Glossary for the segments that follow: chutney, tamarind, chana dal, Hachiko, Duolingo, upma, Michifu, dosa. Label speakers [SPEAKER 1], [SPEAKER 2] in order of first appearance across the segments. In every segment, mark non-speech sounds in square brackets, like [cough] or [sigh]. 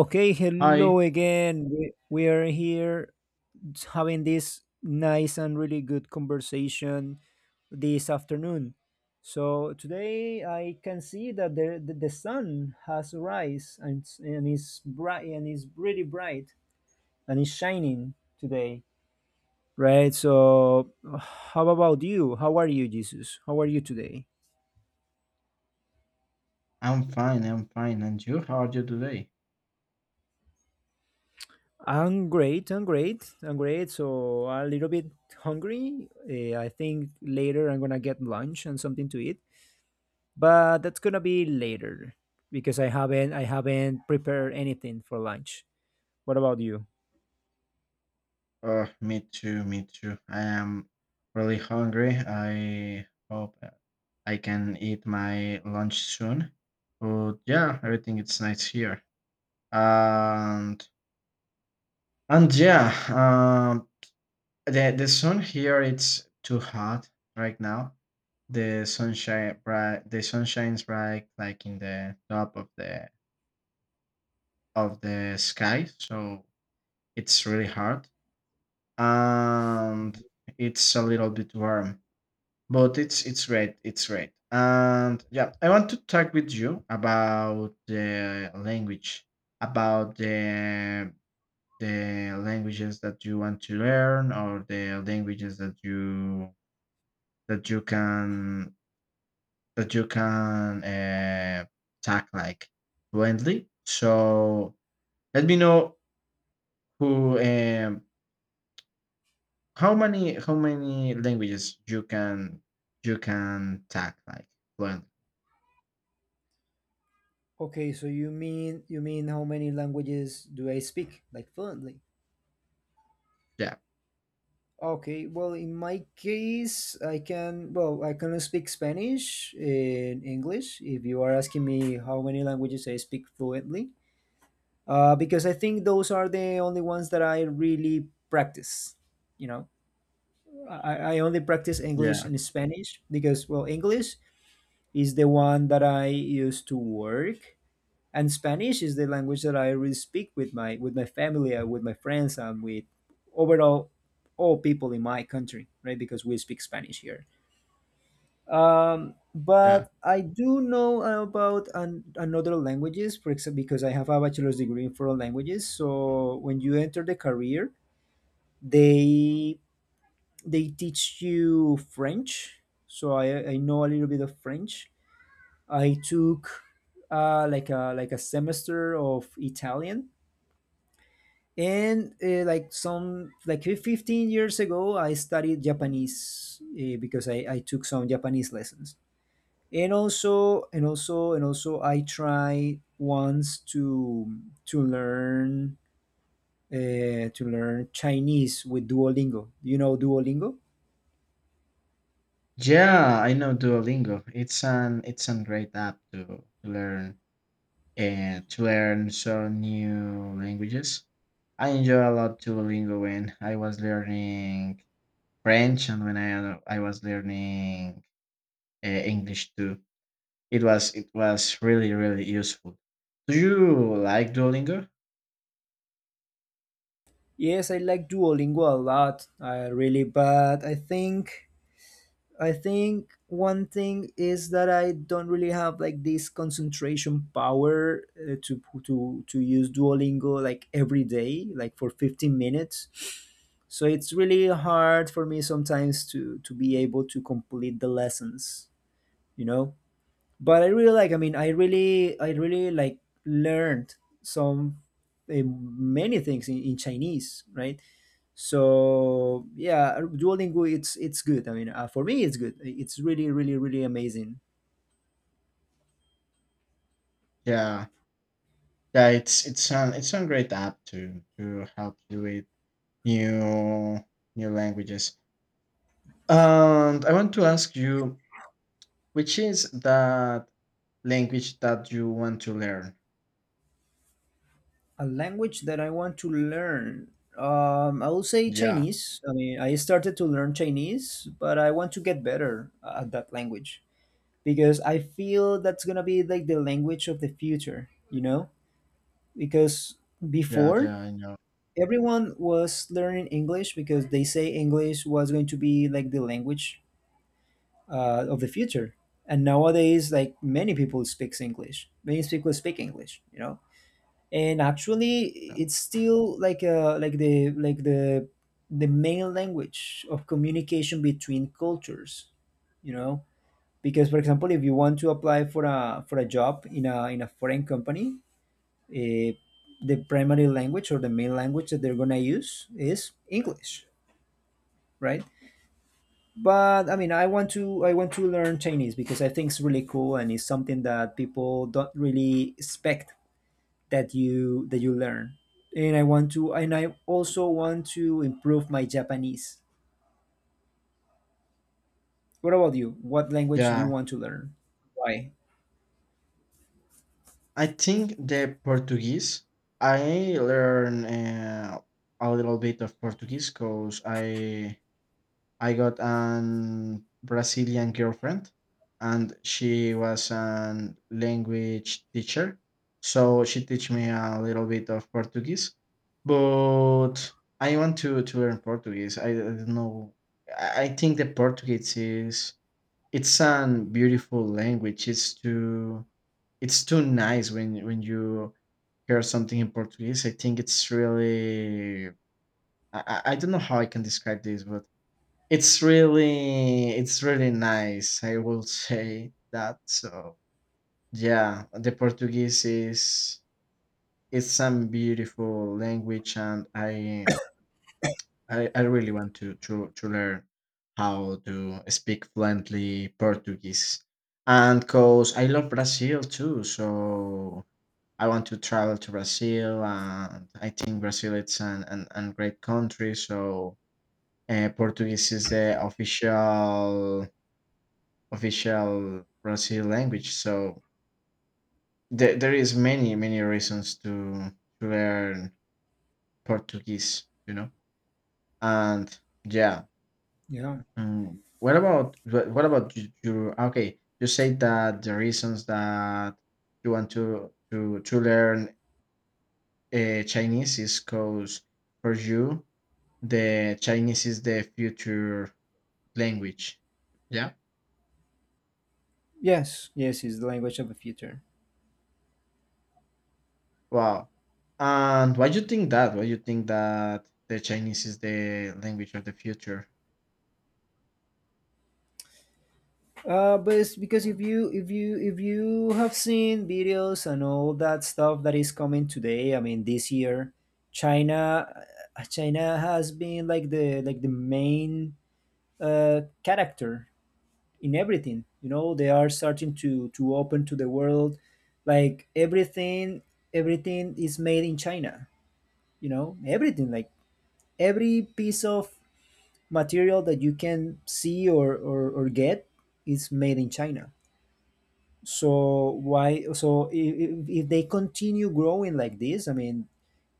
[SPEAKER 1] Okay, hello
[SPEAKER 2] Hi,
[SPEAKER 1] again. We are here having this nice and really good conversation this afternoon. So today I can see that the sun has rise and, and is bright and is really bright and is shining today. Right? So how about you? How are you, Jesus? How are you today?
[SPEAKER 2] I'm fine, I'm fine. And you, how are you today?
[SPEAKER 1] I'm great. I'm great. I'm great. So a little bit hungry. I think later I'm gonna get lunch and something to eat, but that's gonna be later because I haven't prepared anything for lunch. What about you?
[SPEAKER 2] Me too, me too. I am really hungry. I hope I can eat my lunch soon. But yeah, everything is nice here. And and yeah, the sun here, it's too hot right now. The sunshine bright, the sun shines bright like in the top of the sky. So it's really hard, and
[SPEAKER 1] Mhm.
[SPEAKER 2] it's a little bit warm, but it's red, it's red. And yeah, I want to talk with you about about the the languages that you want to learn, or the languages that you can that you can talk like fluently. So let me know who how many languages you can talk like fluently?
[SPEAKER 1] Okay, so you mean how many languages do I speak like fluently?
[SPEAKER 2] Yeah,
[SPEAKER 1] Okay, well in my case I can well I can speak Spanish and English. If you are asking me how many languages I speak fluently, because I think those are the only ones that I really practice. You know, I only practice English
[SPEAKER 2] yeah,
[SPEAKER 1] and Spanish because, well, English is the one that I use to work, and Spanish is the language that I really speak with my family, and with my friends, and with overall all people in my country, right? Because we speak Spanish here.
[SPEAKER 2] yeah.
[SPEAKER 1] But I do know about an, another languages, for example, because I have a bachelor's degree in foreign languages. So when you enter the career, they they teach you French. So I know a little bit of French. I took like a semester of Italian, and like some like 15 years ago, I studied Japanese because I took some Japanese lessons. And also I tried once to to learn to learn Chinese with Duolingo. You know Duolingo?
[SPEAKER 2] Yeah, I know Duolingo. It's a great app to learn and to learn some new languages. I enjoy a lot Duolingo when I was learning French, and when I was learning English too. It was really really useful. Do you like Duolingo?
[SPEAKER 1] Yes, I like Duolingo a lot, really, but I think one thing is that I don't really have like this concentration power to to use Duolingo like every day, like for 15 minutes. So it's really hard for me sometimes to be able to complete the lessons, you know? But I really like, I mean, I really like learned some many things in Chinese, right? So yeah, Duolingo, it's good. I mean, for me it's good. It's really, really, really amazing.
[SPEAKER 2] Yeah, yeah, it's a great app to help you with new new languages. And I want to ask you, which is that language that you want to learn?
[SPEAKER 1] A language that I want to learn, I will say
[SPEAKER 2] Yeah,
[SPEAKER 1] Chinese. I mean, I started to learn Chinese, but I want to get better at that language because I feel that's gonna be like the language of the future, you know, because
[SPEAKER 2] yeah,
[SPEAKER 1] before
[SPEAKER 2] yeah. I know.
[SPEAKER 1] everyone was learning English because they say English was going to be like the language of the future. And nowadays, like many people speaks English, many people speak English, you know. And actually, it's still like the main language of communication between cultures, you know. Because, for example, if you want to apply for a job in a foreign company, uh, the primary language or the main language that they're gonna use is English, right? But I mean, I want to learn Chinese because I think it's really cool and it's something that people don't really expect that you learn. And I also want to improve my Japanese. What about you? What language do you
[SPEAKER 2] Yeah,
[SPEAKER 1] want to learn? Why?
[SPEAKER 2] I think the Portuguese. I learn a little bit of Portuguese because I got an Brazilian girlfriend, and she was a language teacher. So she teach me a little bit of Portuguese, but I want to learn Portuguese. I don't know. I think that Portuguese it's a beautiful language. It's too nice when you hear something in Portuguese. I think it's really. I don't know how I can describe this, but it's really nice, I will say that. So yeah, the Portuguese is it's some beautiful language, and I really want to learn how to speak fluently Portuguese. And cause I love Brazil too, so I want to travel to Brazil, and I think Brazil it's an great country, so Portuguese is the official Brazil language. So there is many many reasons to learn Portuguese. You know, and yeah.
[SPEAKER 1] Yeah.
[SPEAKER 2] What about what about you? Okay, you say that the reasons that you want to learn Chinese is because for you, the Chinese is the future language. Yeah.
[SPEAKER 1] Yes. Yes, it's the language of the future.
[SPEAKER 2] Wow. And why do you think that? Why do you think that the Chinese is the language of the future?
[SPEAKER 1] But it's because if you have seen videos and all that stuff that is coming today, I mean this year, China, China has been like the main character in everything. You know, they are starting to open to the world, like everything is made in China. You know, everything like every piece of material that you can see or or get is made in China. So why? So if they continue growing like this, I mean,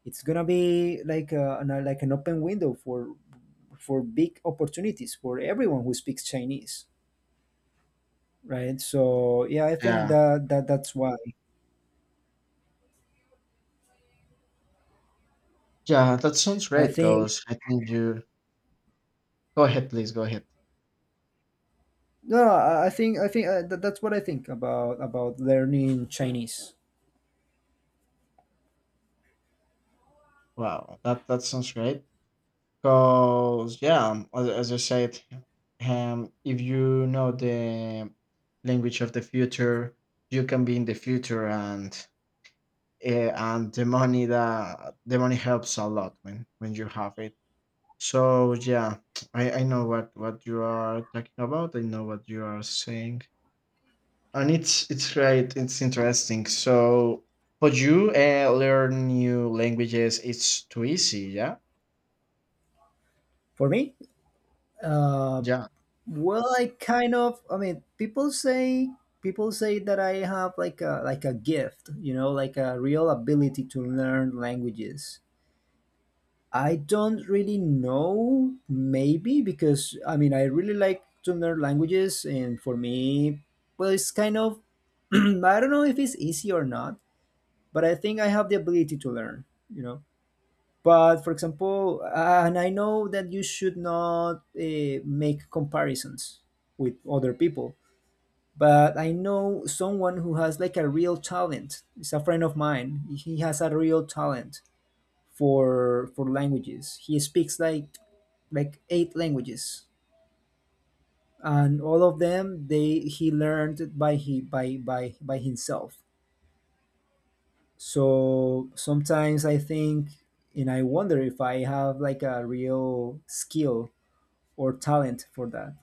[SPEAKER 1] it's gonna be like an open window for big opportunities for everyone who speaks Chinese, right? So yeah, I think
[SPEAKER 2] Yeah.
[SPEAKER 1] that that's why.
[SPEAKER 2] Yeah, that sounds
[SPEAKER 1] I
[SPEAKER 2] great
[SPEAKER 1] think
[SPEAKER 2] because I think you go ahead, please go ahead.
[SPEAKER 1] no, no, I think that's what I think about learning Chinese.
[SPEAKER 2] Wow, that sounds great. Because yeah, as I said, if you know the language of the future, you can be in the future, uh, and the money helps a lot when you have it. So yeah, I know what you are talking about. I know what you are saying, and it's right. It's interesting. So for you, learn new languages. It's too easy. Yeah,
[SPEAKER 1] For me, uh,
[SPEAKER 2] yeah.
[SPEAKER 1] well, I kind of. I mean, people say that I have like a gift, you know, like a real ability to learn languages. I don't really know, maybe because I mean, I really like to learn languages, and for me, well, it's kind of [clears throat] I don't know if it's easy or not, but I think I have the ability to learn, you know. But for example, and I know that you should not make comparisons with other people, but I know someone who has like a real talent. It's a friend of mine. He has a real talent for languages. He speaks like 8 languages, and all of them they he learned by he by himself. So sometimes I think and I wonder if I have like a real skill or talent for that.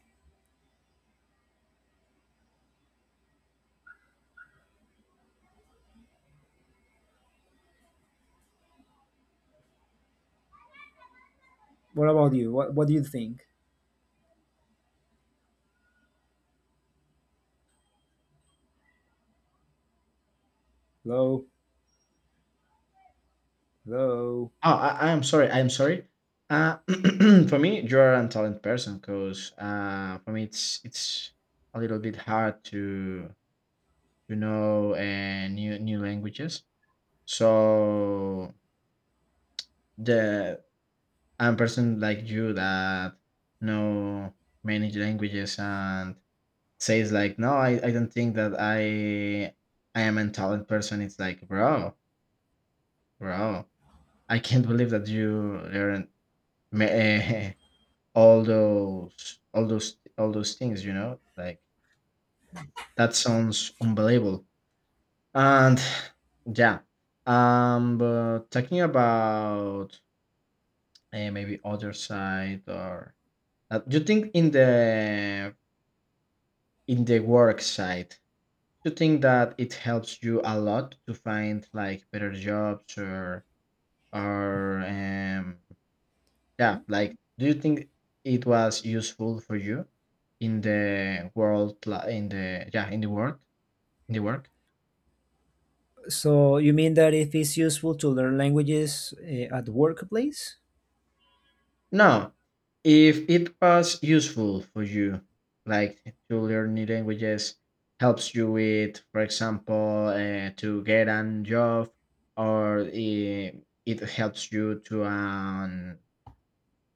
[SPEAKER 1] What about you? What do you think? Hello, hello.
[SPEAKER 2] Oh, I'm sorry. I'm sorry. Uh, [clears throat] for me, you are a talented person, because for me, it's a little bit hard to know new languages. So the a person like you, that know many languages, and says like, no, I don't think that I am a talented person, it's like bro, I can't believe that you learn me- [laughs] all those things, like, that sounds unbelievable. And [sighs] yeah. But talking about maybe other side, or do you think in the work side, you think that it helps you a lot to find like better jobs, or yeah, like, do you think it was useful for you in the in the, yeah, in the work?
[SPEAKER 1] So you mean that if it's useful to learn languages at workplace?
[SPEAKER 2] Now, if it was useful for you, like, to learn new languages, helps you with, for example, to get a job, or it helps you to an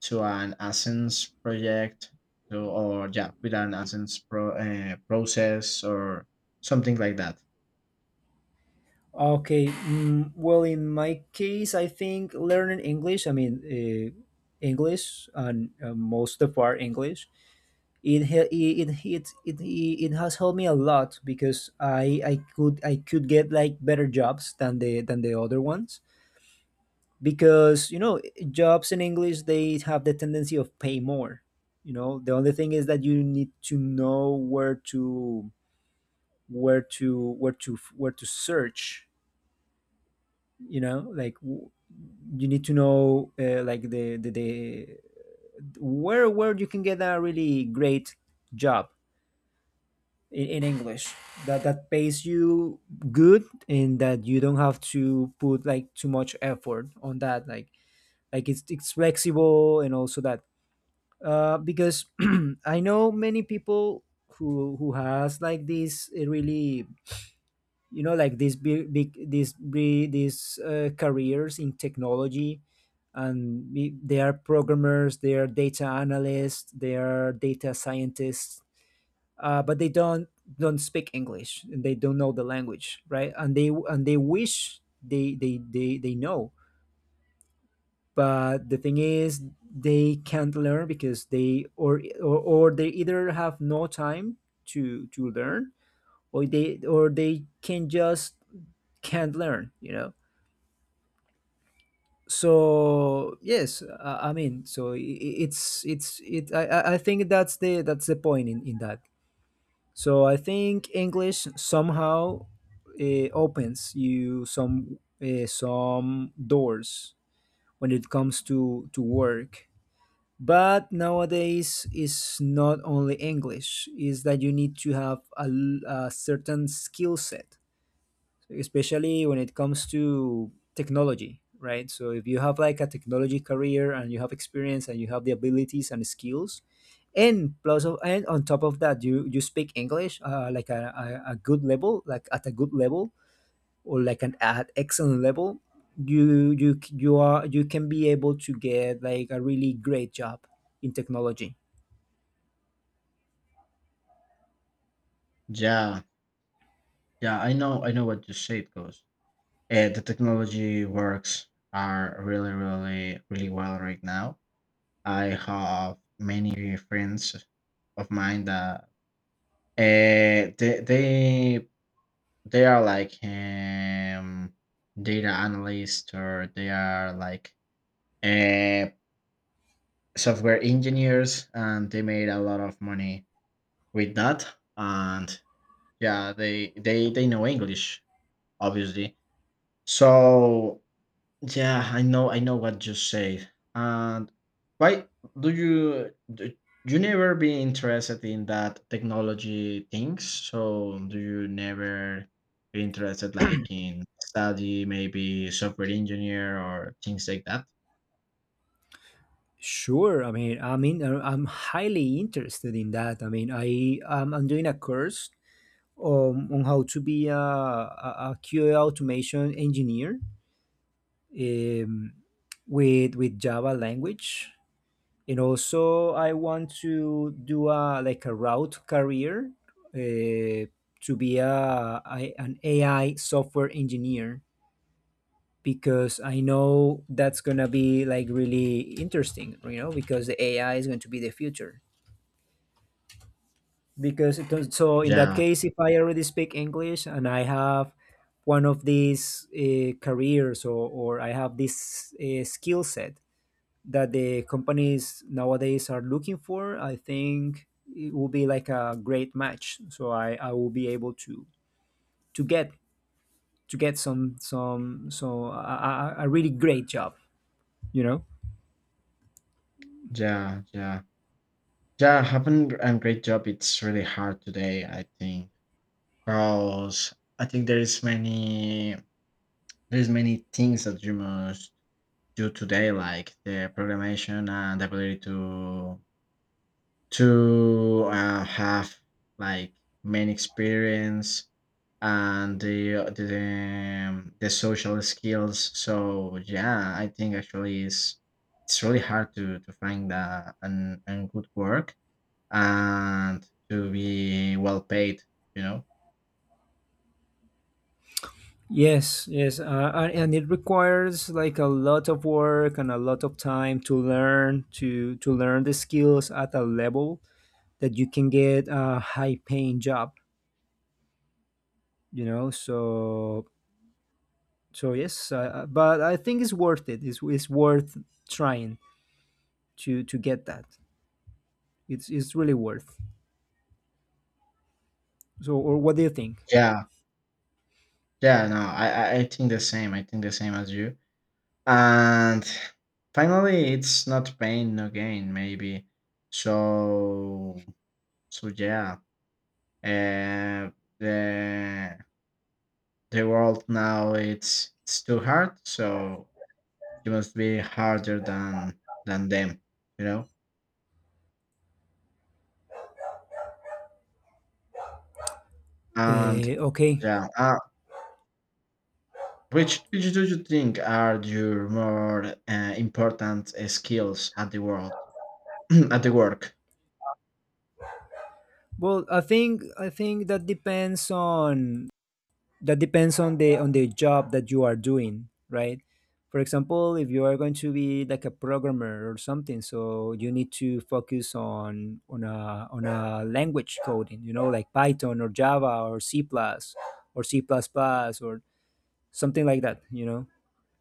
[SPEAKER 2] Ascens project, so, or yeah, with an Ascens process, or something like that.
[SPEAKER 1] Okay. Mm, well, in my case, I think learning English. I mean, English and most of our English. It, he- it has helped me a lot because I could get like better jobs than the other ones because you know jobs in English they have the tendency of pay more. You know, the only thing is that you need to know where to search, you know, like w- you need to know like the where you can get a really great job in English that that pays you good and that you don't have to put like too much effort on that, like it's flexible and also that because [clears throat] I know many people who has like this really you know like these big, big these bri- these careers in technology, and we, they are programmers, they are data analysts, they are data scientists, but they don't speak English and they don't know the language, right? And they wish they they know, but the thing is they can't learn because they or, or they either have no time to learn or they can just can't learn, you know. So yes, I mean, so I- it's it I think that's the point in that. So I think English somehow opens you some doors when it comes to work, but nowadays it's not only English, is that you need to have a certain skill set, especially when it comes to technology, right? So if you have like a technology career and you have experience and you have the abilities and skills, and plus of and on top of that, you speak English like a good level, like at a good level or like an at excellent level, you are you can be able to get like a really great job in technology.
[SPEAKER 2] Yeah, yeah, I know what you say it goes. The technology works are really, really, really well right now. I have many friends of mine that uh, they they they are like data analysts, or they are like uh, software engineers, and they made a lot of money with that. And yeah, they know English, obviously. So yeah, I know what you said. And why do you never be interested in that technology things? So do you never be interested like in study, maybe software engineer, or things like that?
[SPEAKER 1] Sure, I mean, I'm highly interested in that. I mean, I I'm doing a course on how to be a QA automation engineer, um, with Java language. And also, I want to do a like a route career uh, to be an AI software engineer because I know that's gonna be like really interesting, you know, because the AI is going to be the future. Because it does, so in that
[SPEAKER 2] Yeah,
[SPEAKER 1] case if I already speak English and I have one of these careers, or I have this skill set that the companies nowadays are looking for, I think it will be like a great match, so I will be able to to get get some so a really great job, you know.
[SPEAKER 2] yeah, yeah. Yeah, having a great job, it's really hard today, I think. Because I think there's many things that you must do today, like the programmation, and the ability to have like main experience, and the social skills. So yeah, I think actually it's really hard to find an good work, and to be well paid. You know.
[SPEAKER 1] Yes, yes, and it requires like a lot of work and a lot of time to learn to learn the skills at a level that you can get a high paying job. You know, so so yes, but I think it's worth it. It's worth trying to get that. It's really worth. So, or what do you think?
[SPEAKER 2] Yeah. Yeah. No, I think the same. I think the same as you. And finally, it's not pain, no gain, maybe. So, so yeah. Uh, the the world now, it's too hard. So you must be harder than them, you know. And
[SPEAKER 1] Okay.
[SPEAKER 2] yeah, which do you think are your more important skills at the world [clears throat] at the work?
[SPEAKER 1] Well, I think that depends on the job that you are doing, right? For example, if you are going to be like a programmer or something, so you need to focus on on a language coding, you know, like Python or Java or C plus or C plus plus or something like that, you know.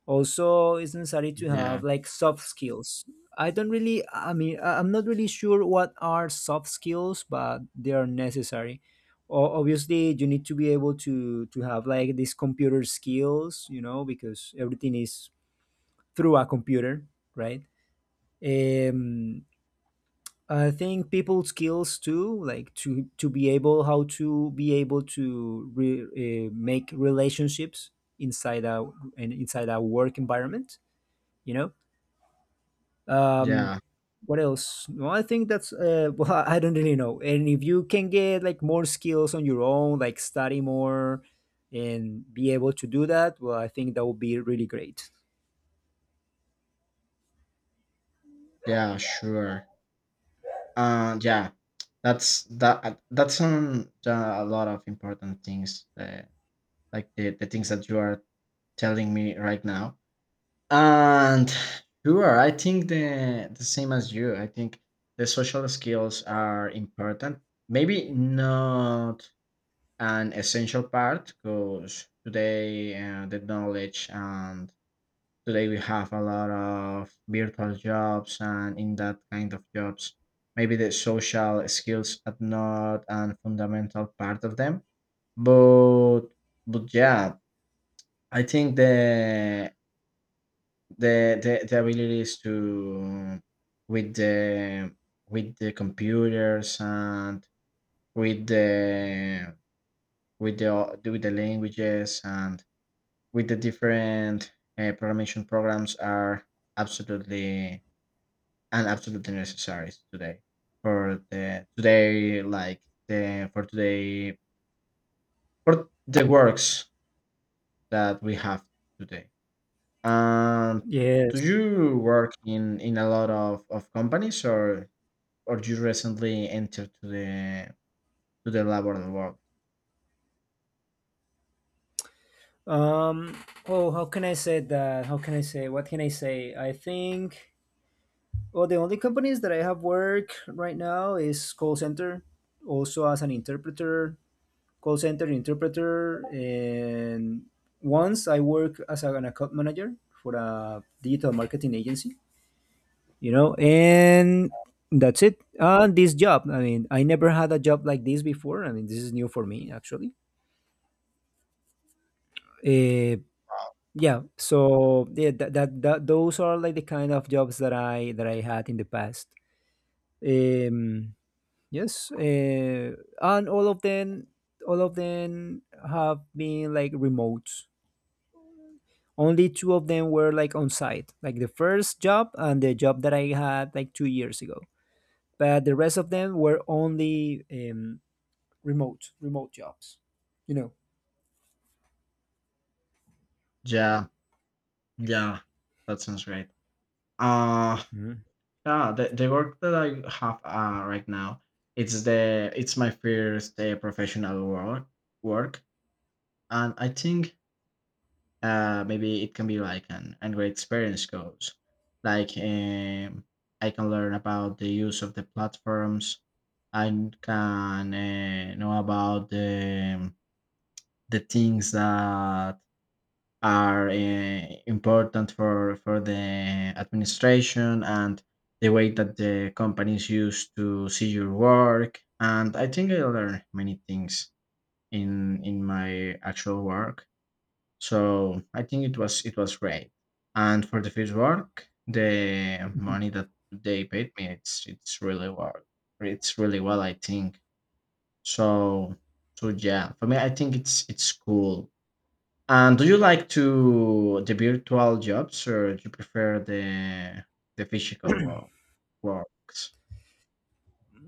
[SPEAKER 1] Also it's necessary to
[SPEAKER 2] Yeah,
[SPEAKER 1] have like soft skills. I don't really I mean I- I'm not really sure what are soft skills, but they are necessary. Obviously you need to be able to have like these computer skills, you know, because everything is through a computer, right? um I think people skills too, like to be able, how to be able to make relationships inside a and inside a work environment, you know. um
[SPEAKER 2] yeah,
[SPEAKER 1] what else? Well, I think that's [laughs] well, I don't really know. And if you can get like more skills on your own, like study more and be able to do that, well, I think that would be really great.
[SPEAKER 2] yeah, sure. Yeah, that's that. That's a lot of important things, like the things that you are telling me right now. And sure, I think the same as you. I think the social skills are important. Maybe not an essential part, because today, the knowledge, and today we have a lot of virtual jobs, and in that kind of jobs, maybe the social skills are not a fundamental part of them. But but yeah, I think the the abilities to, with the with the computers, and with the with the languages, and with the different programming programs are absolutely and absolutely necessary today, for the today like the for today for the works that we have today. um do
[SPEAKER 1] Yes.
[SPEAKER 2] you work in a lot of companies, or you recently entered to the laboral world?
[SPEAKER 1] um oh, how can I say that? How can I say? What can I say? I think, well, the only companies that I have work right now is call center, also as an interpreter, call center interpreter. And once I work as an account manager for a digital marketing agency, you know. And that's it. This job, I mean, I never had a job like this before. I mean, this is new for me, actually. Uh,
[SPEAKER 2] Wow.
[SPEAKER 1] yeah, so yeah, that those are like the kind of jobs that I had in the past. Um, yes, and all of them have been like remote. Only two of them were like on site, like the first job and the job that I had like 2 years ago. But the rest of them were only remote jobs. You know.
[SPEAKER 2] Yeah, yeah, that sounds great. uh
[SPEAKER 1] Mhm.
[SPEAKER 2] yeah, the work that I have right now, it's my first professional work. And I think maybe it can be like an Android experience goes. Like, I can learn about the use of the platforms. I can know about the things that are important for the administration, and the way that the companies use to see your work. And I think I learned many things in my actual work, so I think it was great. And for the field work, the money that they paid me, it's really well. It's really well, I think. So so yeah, for me, I think it's cool. And do you like to the virtual jobs, or do you prefer the physical world works?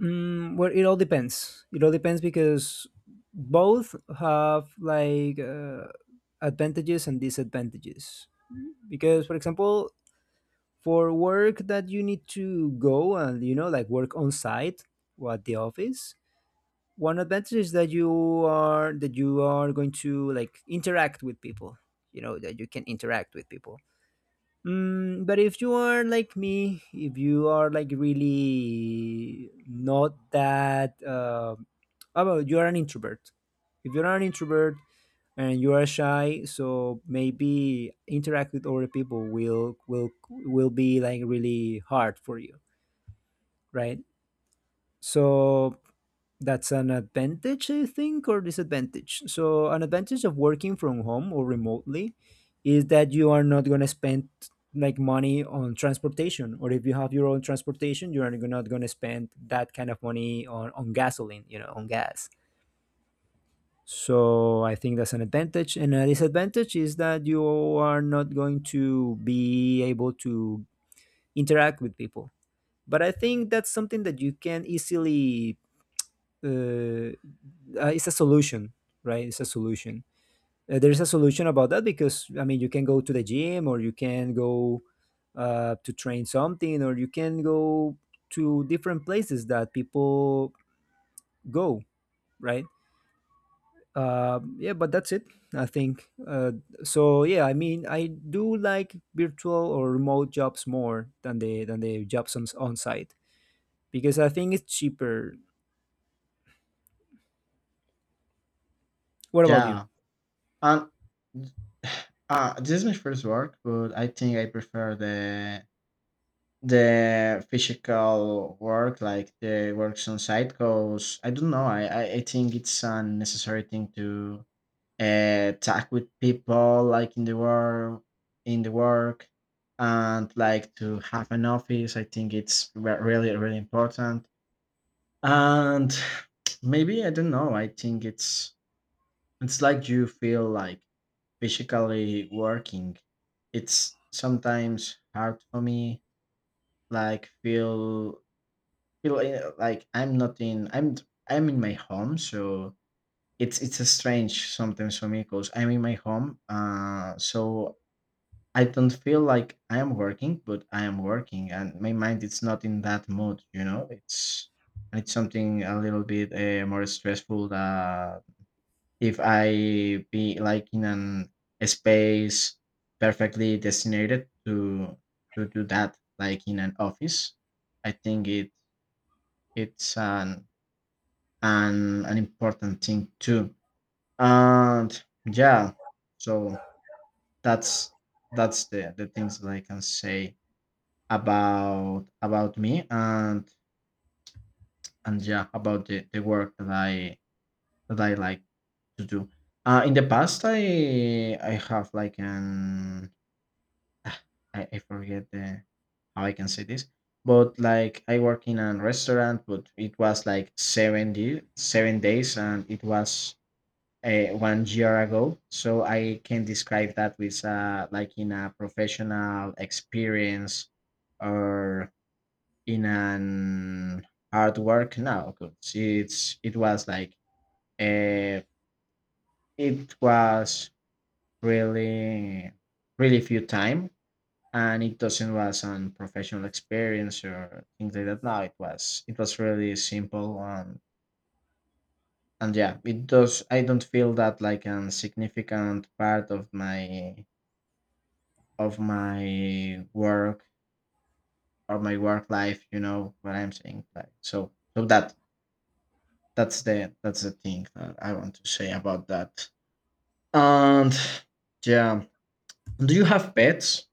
[SPEAKER 1] Well, it all depends. It all depends because both have like advantages and disadvantages. Because, for example, for work that you need to go and, you know, like work on site or at the office, one advantage is that you are going to like interact with people. You know that you can interact with people. But if you are like me, if you are like really not that about, you are an introvert, if you're an introvert and you are shy, so maybe interact with other people will be like really hard for you, right? So that's an advantage, I think, or disadvantage. So an advantage of working from home or remotely is that you are not going to spend like money on transportation, or if you have your own transportation, you're not going to spend that kind of money on, gasoline, you know, on gas. So I think that's an advantage. And a disadvantage is that you are not going to be able to interact with people, but I think that's something that you can easily it's a solution, right? It's a solution. There is a solution about that because, I mean, you can go to the gym, or you can go to train something, or you can go to different places that people go, right? Yeah, but that's it, I think. So yeah, I mean, I do like virtual or remote jobs more than the jobs on site because I think it's cheaper. What about you?
[SPEAKER 2] Yeah, and [sighs] this is my first work, but I think I prefer the physical work, like the works on site, cause I don't know. I think it's a necessary thing to talk with people, like in the work, and like to have an office. I think it's really really important. And [tsk] maybe I don't know. I think it's like you feel like physically working. It's sometimes hard for me, like feel like I'm not in I'm in my home, so it's a strange sometimes for me, because I'm in my home, so I don't feel like I am working, but I am working, and my mind, it's not in that mood, you know. It's and it's something a little bit more stressful, that if I be like in an a space perfectly designated to do that, like in an office. I think it's an important thing too. And yeah, so that's that's the things that I can say about me, and yeah, about the work that I like to do. In the past, I have like ah, I forget the how I can say this, but like, I work in a restaurant, but it was like 7 days, and it was one year ago. So I can describe that with like, in a professional experience, or in an hard work. No, cause it was like uh, it was really really few time, and it doesn't was on professional experience or things like that. No, it was really simple. And yeah, it does. I don't feel that like a significant part of my work or my work life, you know what I'm saying, like, so so that's the thing that I want to say about that. And yeah. Do you have pets?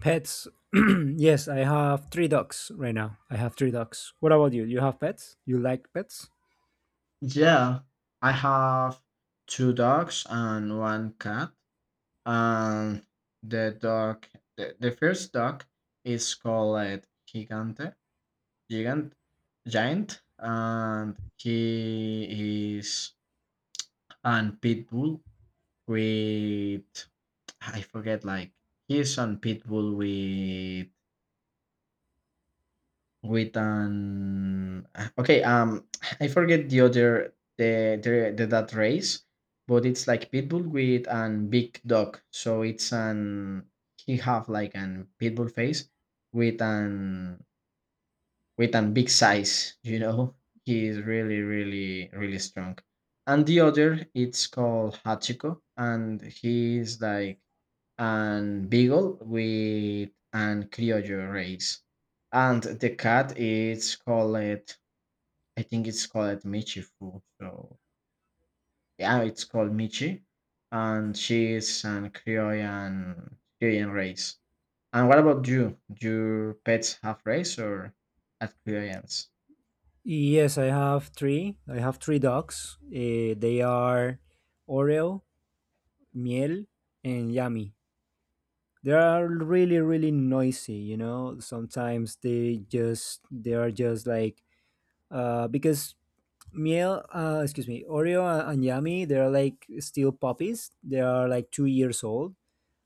[SPEAKER 1] Pets. [clears throat] Yes, I have 3 dogs right now. I have 3 dogs. What about you? You have pets? You like pets?
[SPEAKER 2] Yeah, I have two dogs and one cat. And the dog the first dog is called Gigante, gigant giant, and he is an pit bull. With I forget, like, he's on Pitbull with an okay. [tsk] I forget the other, the that race, but it's like Pitbull with an big dog. So it's an he have like an Pitbull face, with an big size, you know. He is really really really strong. And the other, it's called Hachiko, and he's like and beagle with an criollo race. And the cat is called, I think it's called Michifu. So yeah, it's called Michi. And she is an Croatian race. And what about you? Your pets have race, or at Croatians?
[SPEAKER 1] Yes, I have three. I have 3 dogs. Eh, they are Oreo, Miel, and Yami. They are really, really noisy. You know, sometimes they are just like because Miel, excuse me, Oreo and Yami, they are like still puppies. They are like 2 years old,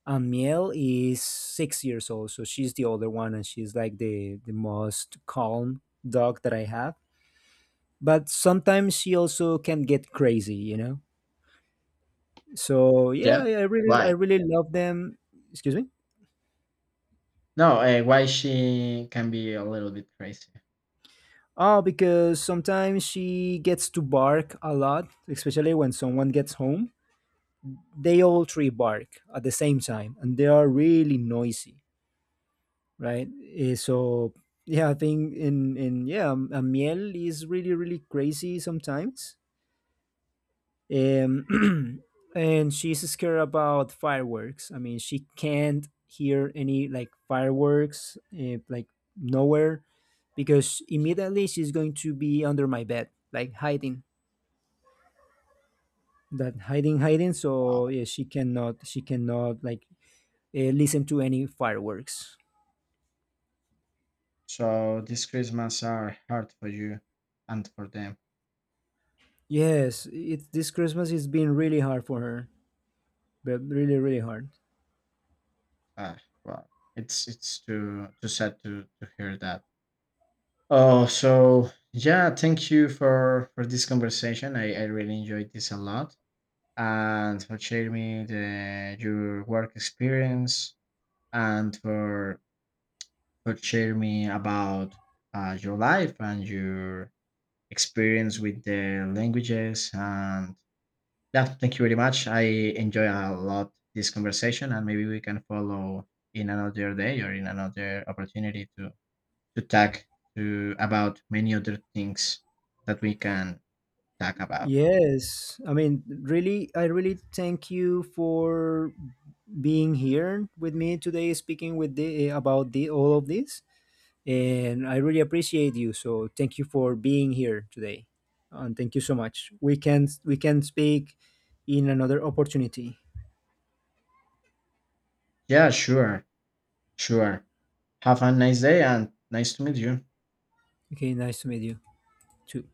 [SPEAKER 1] and Miel is 6 years old, so she's the older one, and she's like the most calm dog that I have. But sometimes she also can get crazy, you know. So yeah,
[SPEAKER 2] Yeah.
[SPEAKER 1] I really I
[SPEAKER 2] Why?
[SPEAKER 1] really love them. Excuse me.
[SPEAKER 2] No, why she can be a little bit crazy.
[SPEAKER 1] Oh, because sometimes she gets to bark a lot, especially when someone gets home. They all three bark at the same time, and they are really noisy, right? Eh, so yeah, I think in yeah, Miel is really really crazy sometimes, um, [clears throat] and she's scared about fireworks. I mean, she can't hear any like fireworks, eh, like nowhere, because immediately she's going to be under my bed, like hiding, that hiding hiding. So
[SPEAKER 2] Wow.
[SPEAKER 1] yeah, she cannot like listen to any fireworks.
[SPEAKER 2] So these Christmas are hard for you, and for them.
[SPEAKER 1] Yes, it, this Christmas has been really hard for her, but really really hard.
[SPEAKER 2] Ah, wow. It's too too sad to hear that. Oh, so yeah, thank you for this conversation. I really enjoyed this a lot, and for sharing me the your work experience, and for sharing me about your life and your experience with the languages. And yeah, thank you very much. I enjoy a lot this conversation, and maybe we can follow in another day, or in another opportunity to talk to about many other things that we can talk about.
[SPEAKER 1] Yes, I mean, really, I really thank you for being here with me today, speaking with the about the all of this, and I really appreciate you. So thank you for being here today. And thank you so much. We can speak in another opportunity.
[SPEAKER 2] Yeah, sure, sure. Have a nice day, and nice to meet you.
[SPEAKER 1] Okay, nice to meet you too.